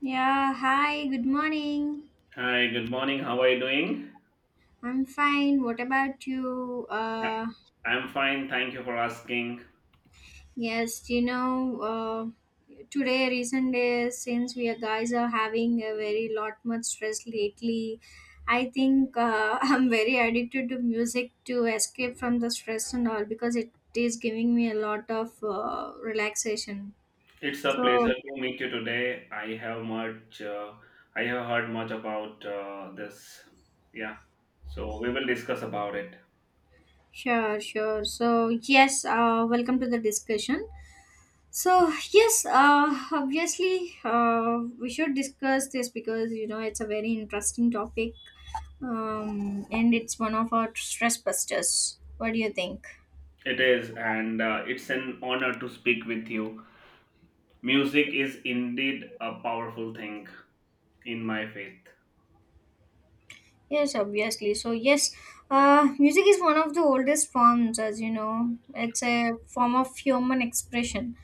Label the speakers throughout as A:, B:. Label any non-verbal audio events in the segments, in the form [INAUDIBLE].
A: Yeah, hi, good morning.
B: Hi, good morning. How are you doing?
A: I'm fine. What about you?
B: I- am fine. Thank you for asking.
A: Yes, you know, Today, recent days, since we are guys are having a very lot much stress lately, I think [LAUGHS] I'm very addicted to music to escape from the stress and all because it is giving me a lot of relaxation.
B: It's a
A: So,
B: pleasure to meet you today. I have much, I have heard much about this. Yeah, so we will discuss about it.
A: sure, sure. So, yes, welcome to the discussion. So yes, obviously we should discuss this because you know it's a very interesting topic, and it's one of our stress busters. What do you think?
B: It is, and it's an honor to speak with you. Music is indeed a powerful thing in my faith.
A: Yes, obviously. So, yes, music is one of the oldest forms, as you know. It's a form of human expression.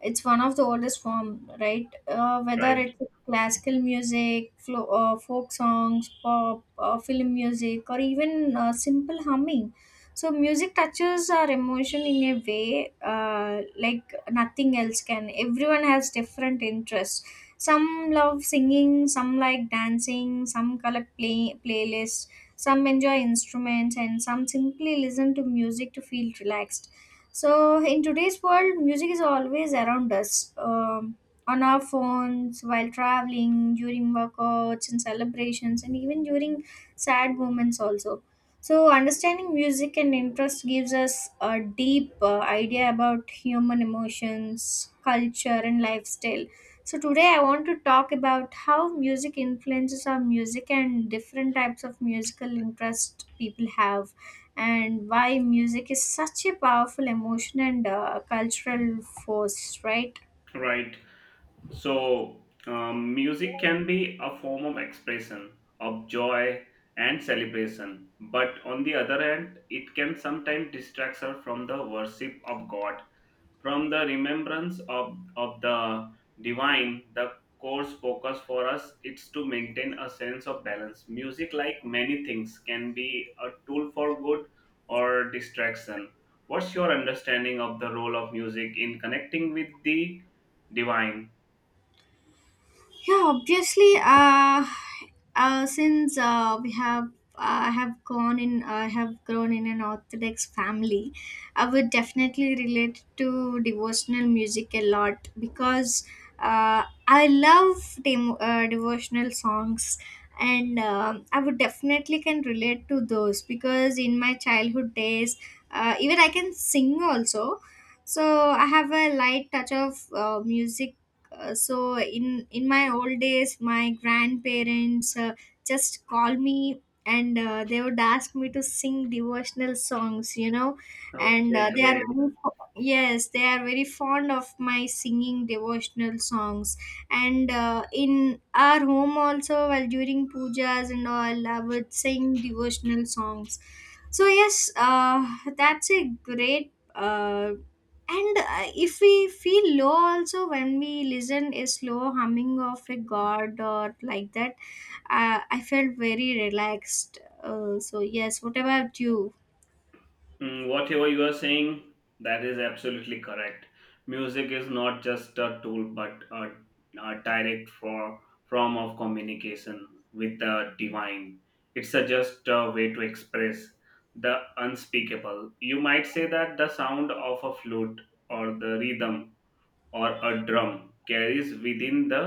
A: It's one of the oldest form, right? Whether
B: Right,
A: it's classical music, folk songs, pop, film music, or even simple humming. So, music touches our emotion in a way like nothing else can. Everyone has different interests, some love singing, some like dancing, some collect playlists, some enjoy instruments, and some simply listen to music to feel relaxed. So, in today's world, music is always around us, on our phones, while traveling, during workouts and celebrations, and even during sad moments, also. So, understanding music and interest gives us a deep idea about human emotions, culture, and lifestyle. So today I want to talk about how music influences our music and different types of musical interest people have, and why music is such a powerful emotion and cultural force, right?
B: right. So, music can be a form of expression of joy and celebration, but on the other hand, it can sometimes distract us from the worship of God, from the remembrance of the divine. The course focus for us is to maintain a sense of balance. Music, like many things, can be a tool for good or distraction. What's your understanding of the role of music in connecting with the divine?
A: Yeah, obviously. Uh, since uh, we have, I have gone in, I have grown in an Orthodox family. I would definitely relate to devotional music a lot because I love devotional songs, and I would definitely can relate to those because in my childhood days, even I can sing also. So I have a light touch of music, so in my old days my grandparents just call me and they would ask me to sing devotional songs, you know, and
B: Okay, great.
A: yes they are very fond of my singing devotional songs, and in our home also while during pujas and all I would sing devotional songs. So yes, that's a great, and if we feel low also when we listen a slow humming of a god or like that, I felt very relaxed. So yes, what about you?
B: Mm, whatever you are saying, that is absolutely correct. Music is not just a tool, but a direct form of communication with the divine. It's a just a way to express the unspeakable. You might say that the sound of a flute or the rhythm or a drum carries within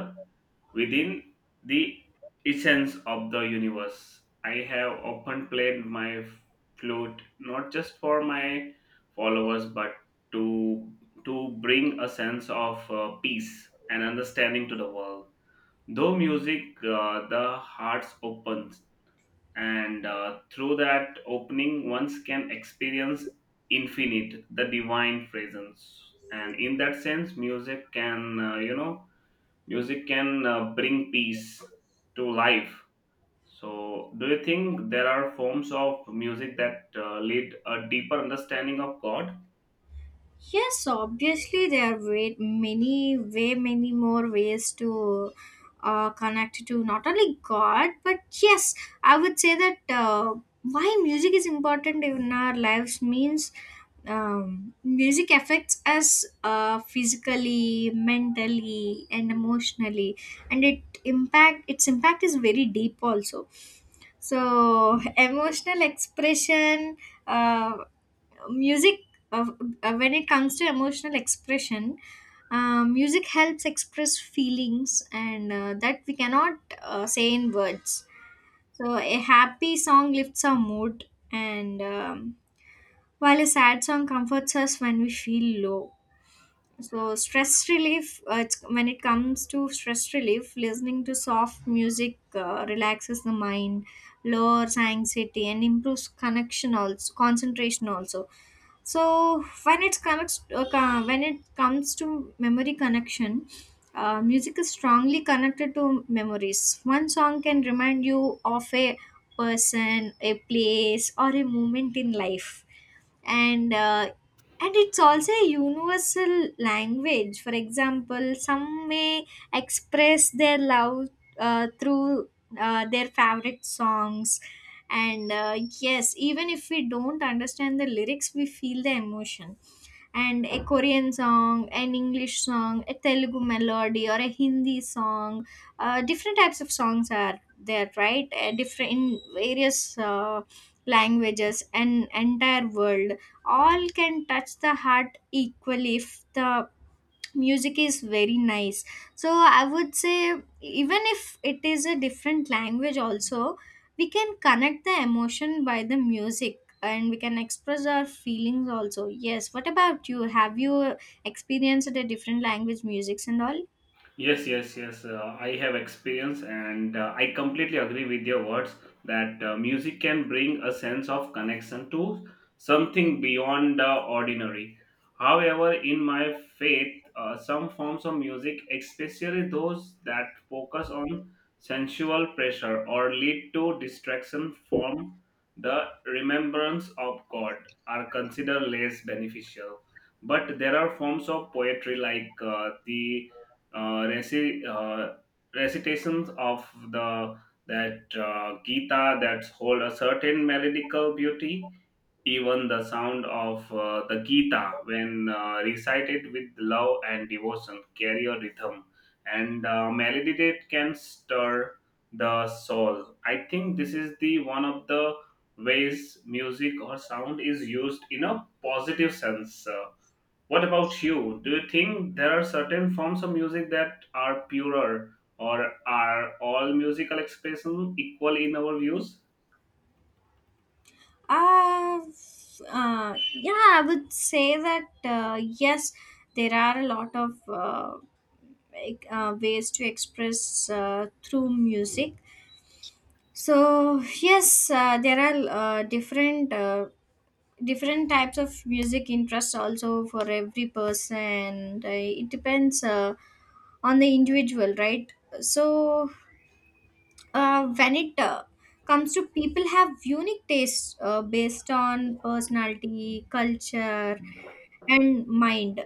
B: within the essence of the universe. I have often played my flute not just for my followers but to to bring a sense of peace and understanding to the world. Though music, the hearts opens and through that opening one's can experience infinite the divine presence, and in that sense music can, uh, music can bring peace to life. So do you think there are forms of music that lead a deeper understanding of god?
A: Yes, obviously there are way many way many more ways to connect to not only god. But yes, I would say that, why music is important in our lives means, music affects us physically, mentally and emotionally, and it impact its impact is very deep also. So [LAUGHS] emotional expression uh, music uh, when it comes to emotional expression, music helps express feelings and that we cannot say in words. So a happy song lifts our mood, and while a sad song comforts us when we feel low. So stress relief, when it comes to stress relief, listening to soft music relaxes the mind, lowers anxiety, and improves connection also, concentration also. So when it comes, when it comes to memory connection, music is strongly connected to memories. One song can remind you of a person, a place, or a moment in life. And and it's also a universal language. For example, some may express their love through their favorite songs, and yes, even if we don't understand the lyrics we feel the emotion. And a Korean song, an English song, a Telugu melody, or a Hindi song. Different types of songs are there, right? Different in various languages and entire world, all can touch the heart equally if the music is very nice. So I would say, even if it is a different language also, we can connect the emotion by the music and we can express our feelings also. Yes, what about you? Have you experienced the different language musics and all?
B: Yes, yes, yes. I have experience, and I completely agree with your words that music can bring a sense of connection to something beyond the ordinary. However, in my faith, some forms of music, especially those that focus on sensual pressure or lead to distraction from the remembrance of God, are considered less beneficial. But there are forms of poetry like the uh, reci- uh, recitations of the that Gita that hold a certain melodical beauty. Even the sound of the Gita, when recited with love and devotion, carry a rhythm and melody that can stir the soul. I think this is the one of the ways music or sound is used in a positive sense. What about you? Do you think there are certain forms of music that are purer, or are all musical expressions equal in our views?
A: Uh, uh yeah I would say that, yes, there are a lot of ways to express through music. So yes, there are different types of music interests also for every person. It depends on the individual, right? So when it comes to, people have unique tastes based on personality, culture, and mind,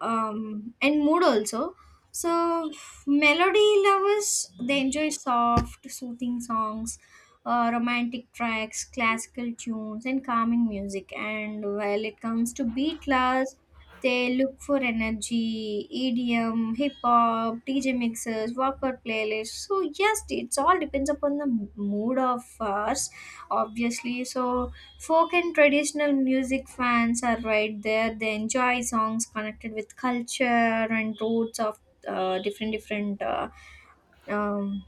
A: and mood also. So, melody lovers, they enjoy soft, soothing songs, romantic tracks, classical tunes, and calming music. And while it comes to beat lovers, they look for energy, EDM, hip hop, DJ mixers, workout playlists. So, yes, it's all depends upon the mood of us, obviously. So, folk and traditional music fans are right there. They enjoy songs connected with culture and roots of different different um,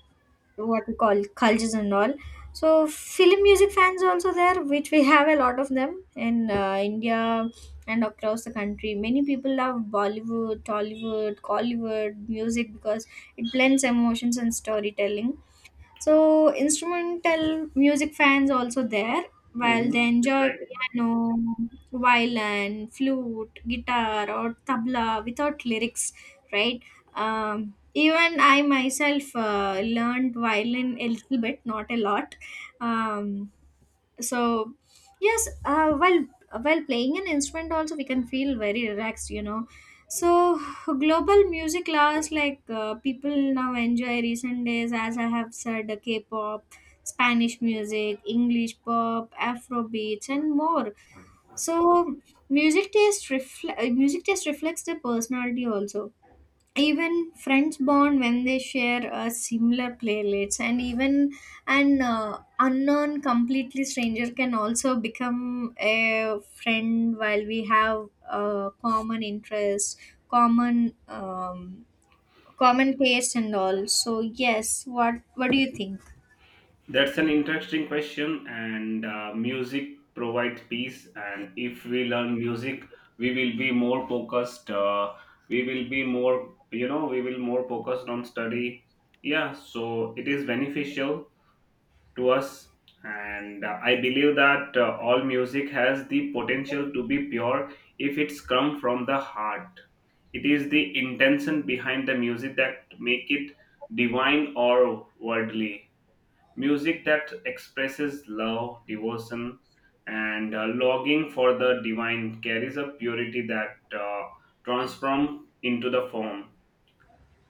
A: what we call cultures and all. So film music fans are also there, which we have a lot of them in India and across the country. Many people love Bollywood, Tollywood, Collywood music because it blends emotions and storytelling. So instrumental music fans also there, while they
B: Mm-hmm.
A: enjoy
B: Exactly.
A: piano, violin, flute, guitar, or tabla without lyrics, right? Even I myself learned violin a little bit, not a lot. Um, so yes, while playing an instrument also we can feel very relaxed, you know. So global music class, like, people now enjoy recent days, as I have said, the K-pop, Spanish music, English pop, afro beats and more. So music music taste reflects the personality also. Even friends bond when they share similar playlists, and even an unknown completely stranger can also become a friend while we have common interests common common taste and all. So yes, what do you think?
B: That's an interesting question, and music provides peace. And if we learn music, we will be more focused. We will be more, you know, we will more focused on study. Yeah, so it is beneficial to us. And I believe that all music has the potential to be pure if it's come from the heart. It is the intention behind the music that make it divine or worldly. Music that expresses love, devotion, and longing for the divine carries a purity that transforms into the form.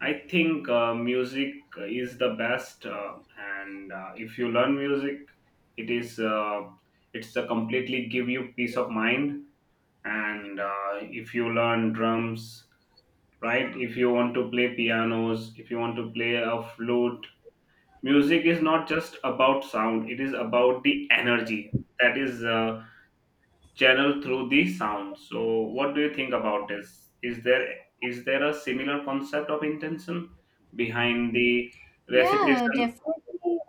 B: I think music is the best, and if you learn music, it is it's a completely give you peace of mind. And if you learn drums, right? If you want to play pianos, if you want to play a flute, music is not just about sound. It is about the energy that is channel through the sound. So, what do you think about this? Is there a similar concept of intention behind the
A: Yeah,
B: recitation?
A: definitely.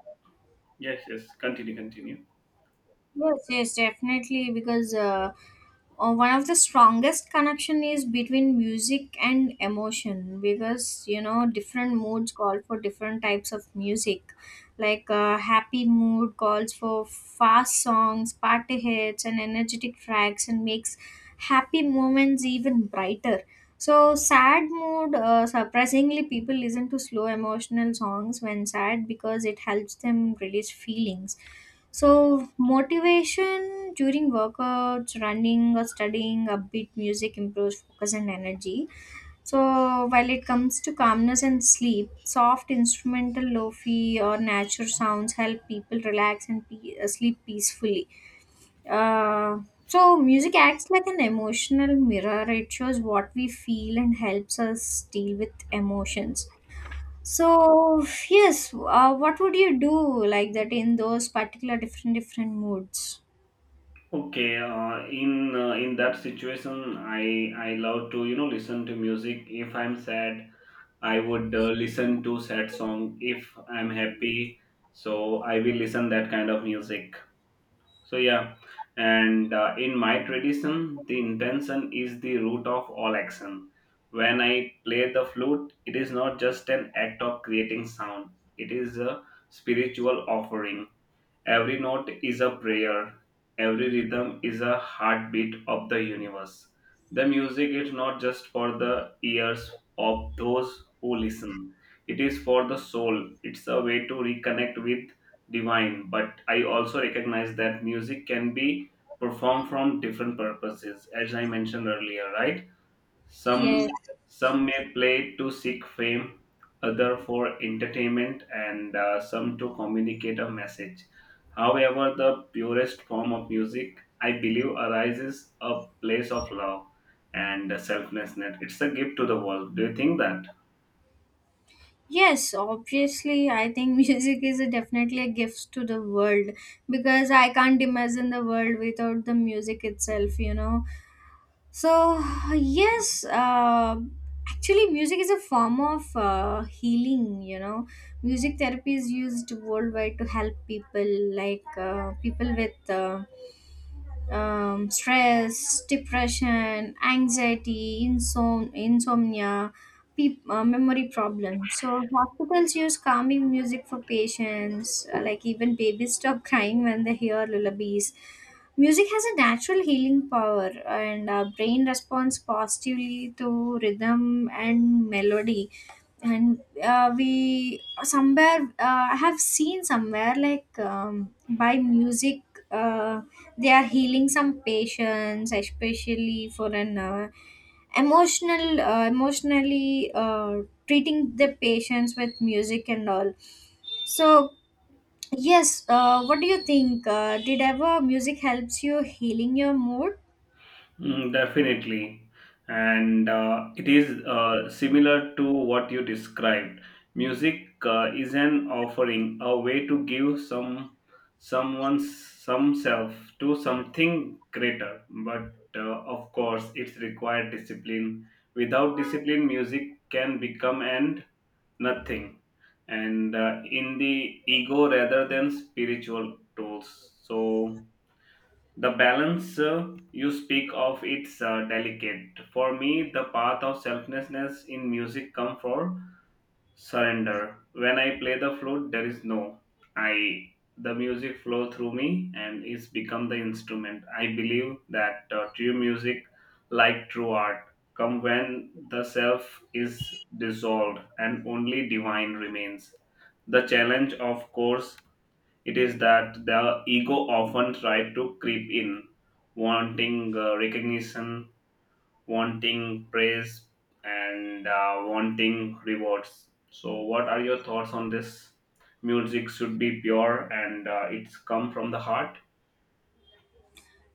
B: Yes, yes. Continue, continue.
A: Yes, yes, definitely. Because one of the strongest connection is between music and emotion. Because you know, different moods call for different types of music. Like happy mood calls for fast songs, party hits, and energetic tracks, and makes happy moments even brighter. So sad mood, surprisingly, people listen to slow emotional songs when sad because it helps them release feelings. So, motivation during workouts, running, or studying, upbeat music improves focus and energy. So, while it comes to calmness and sleep, soft instrumental lofi or natural sounds help people relax and sleep peacefully. Uh, so, music acts like an emotional mirror, it shows what we feel and helps us deal with emotions. So yes, what would you do like that in those particular different moods?
B: Okay, in that situation, I love to, you know, listen to music. If I'm sad, I would listen to sad song. If I'm happy, so I will listen that kind of music. So yeah, and in my tradition, the intention is the root of all action. When I play the flute, it is not just an act of creating sound; it is a spiritual offering. Every note is a prayer. Every rhythm is a heartbeat of the universe. The music is not just for the ears of those who listen, it is for the soul. It's a way to reconnect with divine. But I also recognize that music can be performed from different purposes, as I mentioned earlier, right?
A: Yes,
B: Some some may play to seek fame, other for entertainment, and some to communicate a message. However, the purest form of music, I believe, arises a place of love and selflessness. It's a gift to the world. Do you think that?
A: yes. Obviously, I think [LAUGHS] music is a definitely a gift to the world because I can't imagine the world without the music itself, you know. So yes, actually, music is a form of healing. You know, music therapy is used worldwide to help people, like, people with. Stress, depression, anxiety, insomnia, memory problems. So hospitals use calming music for patients, like even babies stop crying when they hear lullabies. Music has a natural healing power, and our brain responds positively to rhythm and melody. And we somewhere, I have seen somewhere like, by music. Uh, they are healing some patients, especially for an emotionally treating the patients with music and all. So yes, what do you think? Did ever music helps you healing your mood?
B: Mm, definitely. And it is similar to what you described. Music is an offering, a way to give some someone's some self to something greater. But of course, it's required discipline. Without discipline, music can become and nothing. And in the ego rather than spiritual tools. So the balance you speak of it's delicate. For me, the path of selflessness in music comes for surrender. When I play the flute, there is no I. The music flows through me and it's become the instrument. I believe that true music, like true art, come when the self is dissolved and only divine remains. The challenge, of course, it is that the ego often tries to creep in, wanting recognition, wanting praise, and wanting rewards. So, what are your thoughts on this? Music should be pure and it's come from the heart.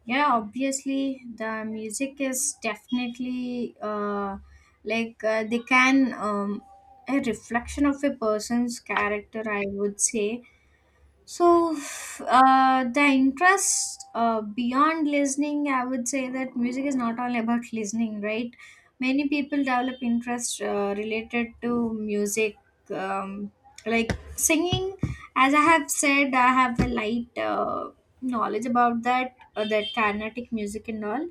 A: Yeah, obviously the music is definitely they can, a reflection of a person's character, I would say. So, the interest beyond listening, I would say that music is not only about listening, right? Many people develop interest related to music, um, like singing. As I have said, I have a light knowledge about that, that Carnatic music and all.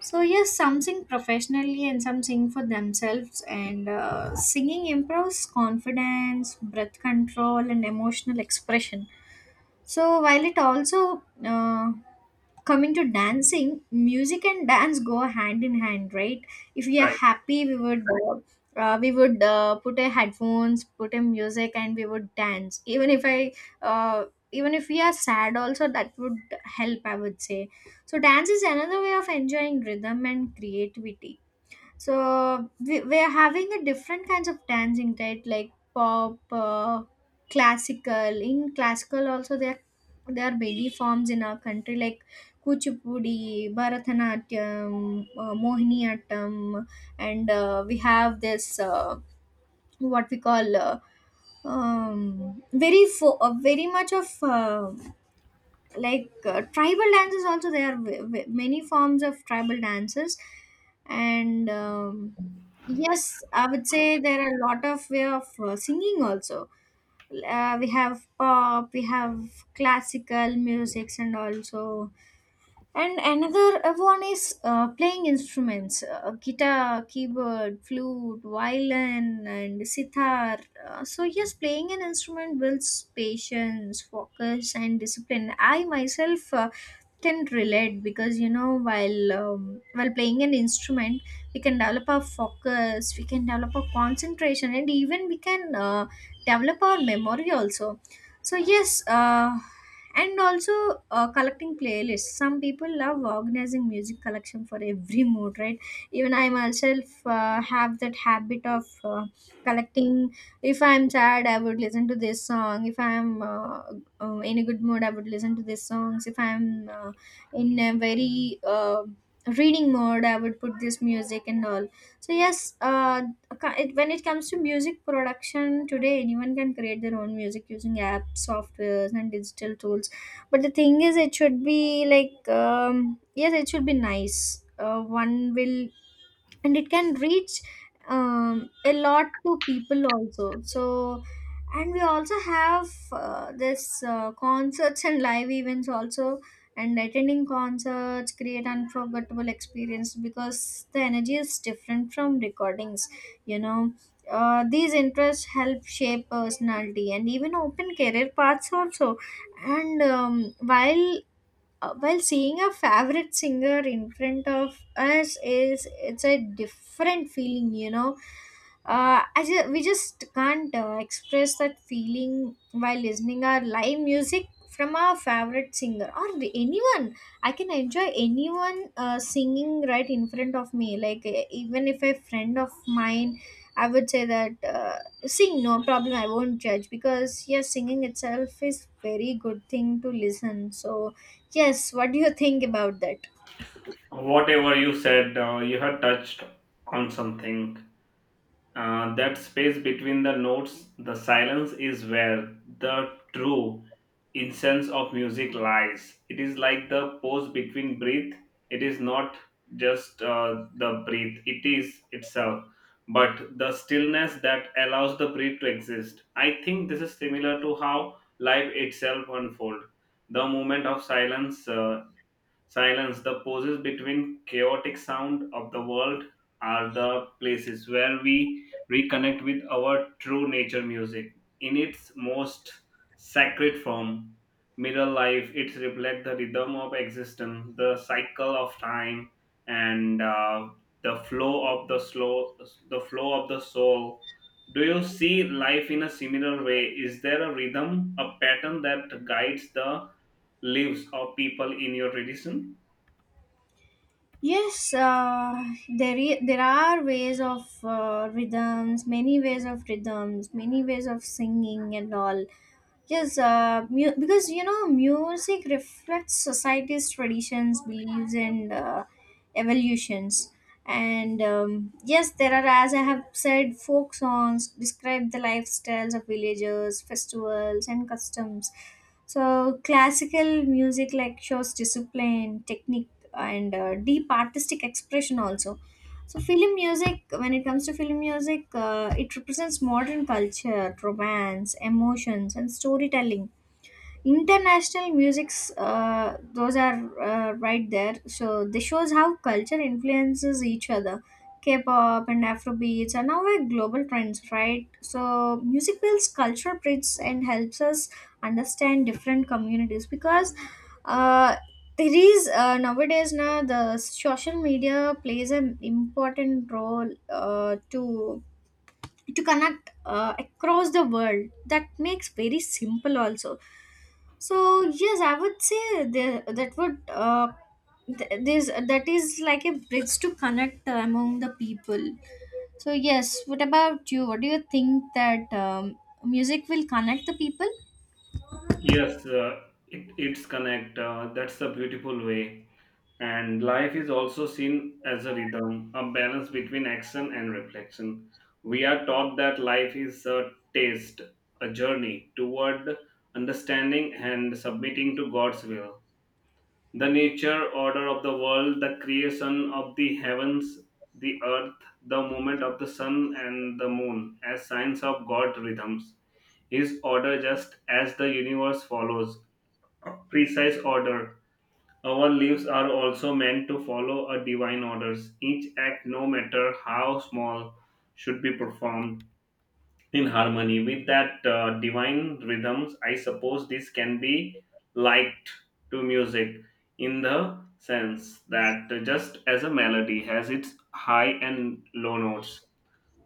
A: So, yes, some sing professionally and some sing for themselves. And singing improves confidence, breath control, and emotional expression. So while it also coming to dancing, music and dance go hand in hand, right? If we are
B: Right.
A: happy, we would put a headphones, put a music, and we would dance. Even if I uh, even if we are sad, also that would help, I would say. So dance is another way of enjoying rhythm and creativity, so we're having a different kinds of dancing, right? Like pop, classical. In classical also there are many forms in our country like kuchipudi, bharatanatyam, mohiniyattam, and we have this uh, what we call um, very much of uh, tribal dances. Also there are many forms of tribal dances. And yes, I would say there are a lot of way of singing also. We have pop, we have classical musics and also, and another one is playing instruments, guitar, keyboard, flute, violin, and sitar. Yes, playing an instrument builds patience, focus, and discipline. I myself can relate because, you know, while playing an instrument, we can develop our focus, we can develop our concentration, and even we can develop our memory also. So, yes. And also, collecting playlists, some people love organizing music collection for every mood, right? Even I myself have that habit of collecting. If I'm sad, I would listen to this song. If I'm in a good mood, I would listen to these songs. If I'm in a very reading mode, I would put this music and all. So yes, when it comes to music production, today anyone can create their own music using apps, softwares and digital tools. But the thing is, it should be like, yes, it should be nice. One will, and it can reach a lot to people also. So, and we also have this concerts and live events also. And attending concerts create unforgettable experience because the energy is different from recordings, you know. These interests help shape personality and even open career paths also. And while seeing a favorite singer in front of us, is, it's a different feeling, you know. We just can't express that feeling while listening our live music from our favorite singer or the, anyone. I can enjoy anyone singing right in front of me. Like even if a friend of mine, I would say that sing, no problem, I won't judge, because yes, singing itself is very good thing to listen. So yes, what do you think about that?
B: Whatever you said, you have touched on something. That space between the notes, the silence is where the true essence of music lies. It is like the pause between breath. It is not just the breath, it is itself, but the stillness that allows the breath to exist. I think this is similar to how life itself unfolds. The moment of silence, silence, the pauses between chaotic sound of the world are the places where we reconnect with our true nature music in its most sacred form. Mirror life, it reflects the rhythm of existence, the cycle of time, and the flow of the flow of the soul. Do you see life in a similar way? Is there a rhythm, a pattern that guides the lives of people in your tradition?
A: Yes, there are ways of rhythms, many ways of rhythms, many ways of singing and all. Yes, because you know, music reflects society's traditions, beliefs, and evolutions. And yes, there are, as I have said, folk songs describe the lifestyles of villagers, festivals, and customs. So classical music like shows discipline, technique, and deep artistic expression also. So film music, when it comes to film music, it represents modern culture, romance, emotions, and storytelling. International musics, those are right there. So this shows how culture influences each other. K-pop and afrobeats are now a global trends, right? So music builds cultural bridges and helps us understand different communities because uh, there is nowadays, now the social media plays an important role to connect across the world. That makes very simple also. So yes, I would say there, that would this, that is like a bridge to connect among the people. So yes, what about you, what do you think that music will connect the people?
B: Yes, it's connect. That's a beautiful way. And life is also seen as a rhythm, a balance between action and reflection. We are taught that life is a taste, a journey toward understanding and submitting to God's will. The nature, order of the world, the creation of the heavens, the earth, the movement of the sun and the moon as signs of God rhythms. His order, just as the universe follows precise order. Our lives are also meant to follow a divine orders. Each act, no matter how small, should be performed in harmony with that divine rhythms. I suppose this can be liked to music in the sense that just as a melody has its high and low notes,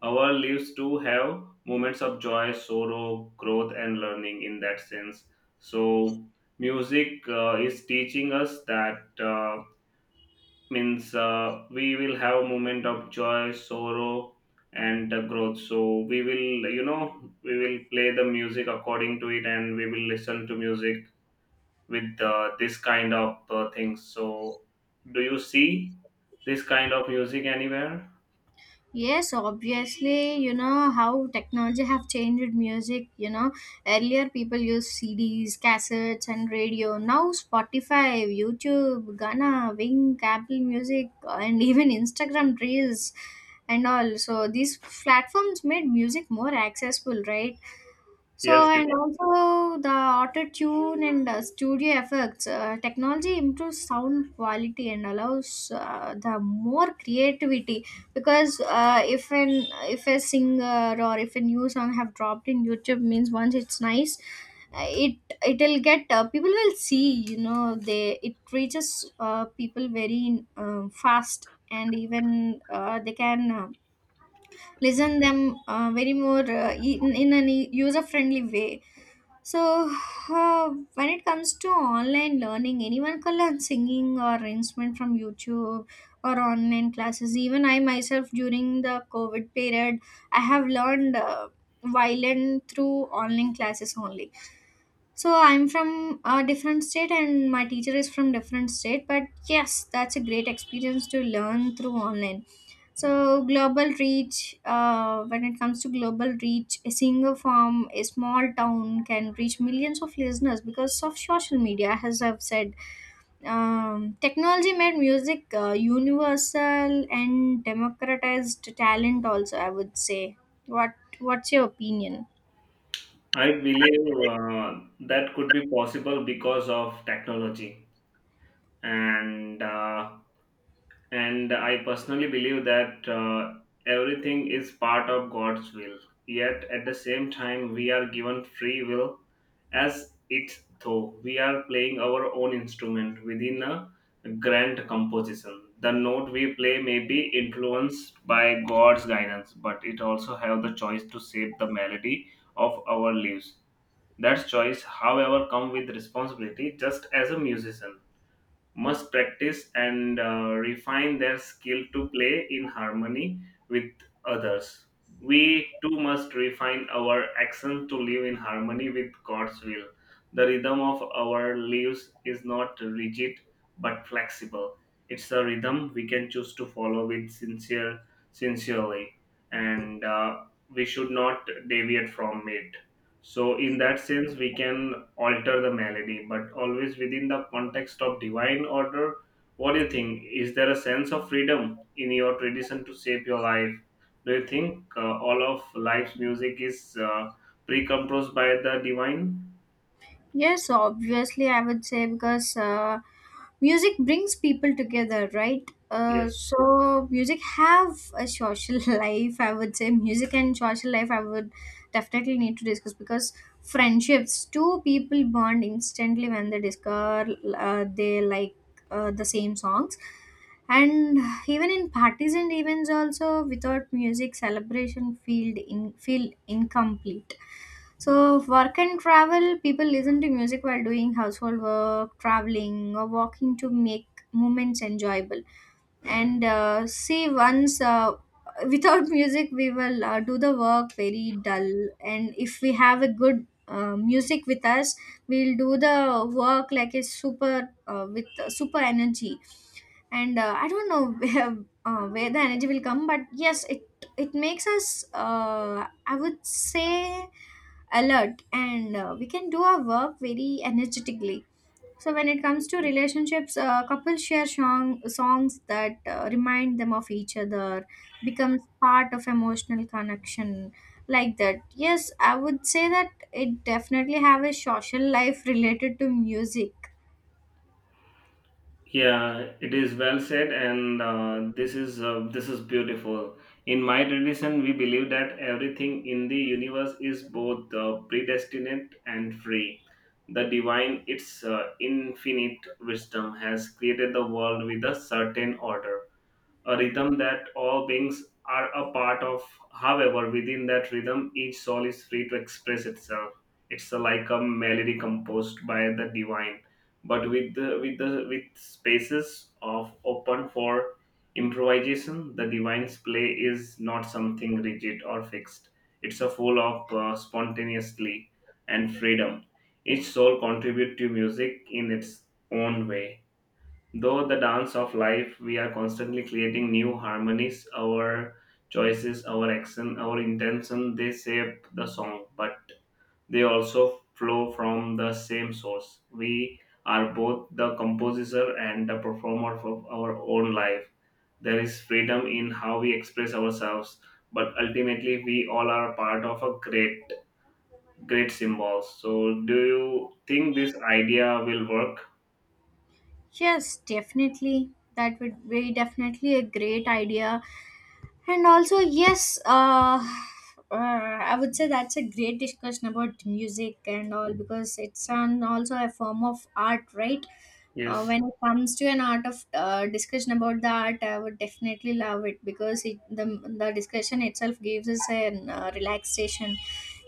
B: our lives too have moments of joy, sorrow, growth, and learning in that sense. So, music is teaching us that means we will have a moment of joy, sorrow, and growth. So, we will, you know, we will play the music according to it and we will listen to music with uh, this kind of things. So, do you see this kind of music anywhere?
A: Yes, obviously, you know how technology have changed music, you know. Earlier people used CDs, cassettes and radio. Now Spotify, YouTube, Ghana, Wing, Apple Music and [LAUGHS] even Instagram Reels and all. So these platforms made music more accessible, right?
B: Yes,
A: So, and also the auto tune and studio effects, technology improves sound quality and allows the more creativity. Because if an, if a singer or if a new song have dropped in YouTube means, once it's nice, uh, it it'll get, people will see. You know, they, it reaches people very fast, and even they can listen them very more in a user friendly way. So, when it comes to online learning, anyone can learn singing or instrument from YouTube or online classes. Even I myself, during the COVID period, I have learned violin through online classes only. So, I'm from a different state and my teacher is from different state. But yes, that's a great experience to learn through online. So global reach, when it comes to global reach, a single farm, a small town can reach millions of listeners because of social media. As I've said, technology made music universal and democratized talent, also, I would say. What What's your opinion?
B: I believe that could be possible because of technology, and uh, and I personally believe that everything is part of God's will. Yet at the same time, we are given free will, as it's though we are playing our own instrument within a grand composition. The note we play may be influenced by God's guidance, but it also have the choice to shape the melody of our lives. That choice, however, comes with responsibility, just as a musician must practice and refine their skill to play in harmony with others. We too must refine our action to live in harmony with God's will. The rhythm of our lives is not rigid but flexible. It's a rhythm we can choose to follow with sincere, sincerely, and we should not deviate from it. So, in that sense, we can alter the melody, but always within the context of divine order. What do you think? Is there a sense of freedom in your tradition to shape your life? Do you think all of life's music is pre composed by the divine?
A: Yes, obviously, I would say, because music brings people together, right?
B: Yes.
A: So music have a social [LAUGHS] life. I would say music and social life, I would definitely need to discuss because friendships. Two people bond instantly when they discover they like the same songs, and even in parties and events also. Without music, celebration feel in feel incomplete. So, work and travel, people listen to music while doing household work, traveling, or walking to make moments enjoyable. And see, once without [LAUGHS] music, we will do the work very dull. And if we have a good music with us, we'll do the work like a super, with super energy. And I don't know [LAUGHS] where the energy will come, but yes, it makes us, I would say, alert, and we can do our work very energetically. So when it comes to relationships, couples share songs that remind them of each other becomes part of emotional connection. Like that, yes, I would say that it definitely have a social life [LAUGHS] related to music.
B: Yeah, it is well said, and this is beautiful. In my tradition, we believe that everything in the universe is both predestinate and free. The divine, its infinite wisdom, has created the world with a certain order a rhythm that all beings are a part of. However, within that rhythm, each soul is free to express itself. It's a- like a melody composed by the divine, but with spaces of open for improvisation. The divine's play is not something rigid or fixed. It's a full of spontaneously and freedom. Each soul contribute to music in its own way. Though the dance of life, we are constantly creating new harmonies, our choices, our action, our intention, they shape the song, but they also flow from the same source. We are both the composer and the performer of our own life. There is freedom in how we express ourselves, but ultimately we all are part of a great symbol. So, do you think this idea will work?
A: Yes, definitely. That would be definitely a great idea. And also, yes, I would say that's a great discussion about music and all, because it's an, also a form of art, right?
B: Yes.
A: When it comes to an art of, discussion about the art, I would definitely love it, because it, the discussion itself gives us an relaxation.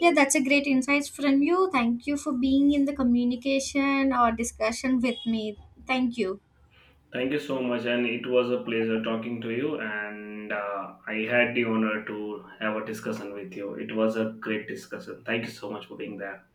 A: Yeah, that's a great insights from you. Thank you for being in the communication or discussion with me. Thank you.
B: Thank you so much, and it was a pleasure talking to you. And I had the honor to have a discussion with you. It was a great discussion. Thank you so much for being there.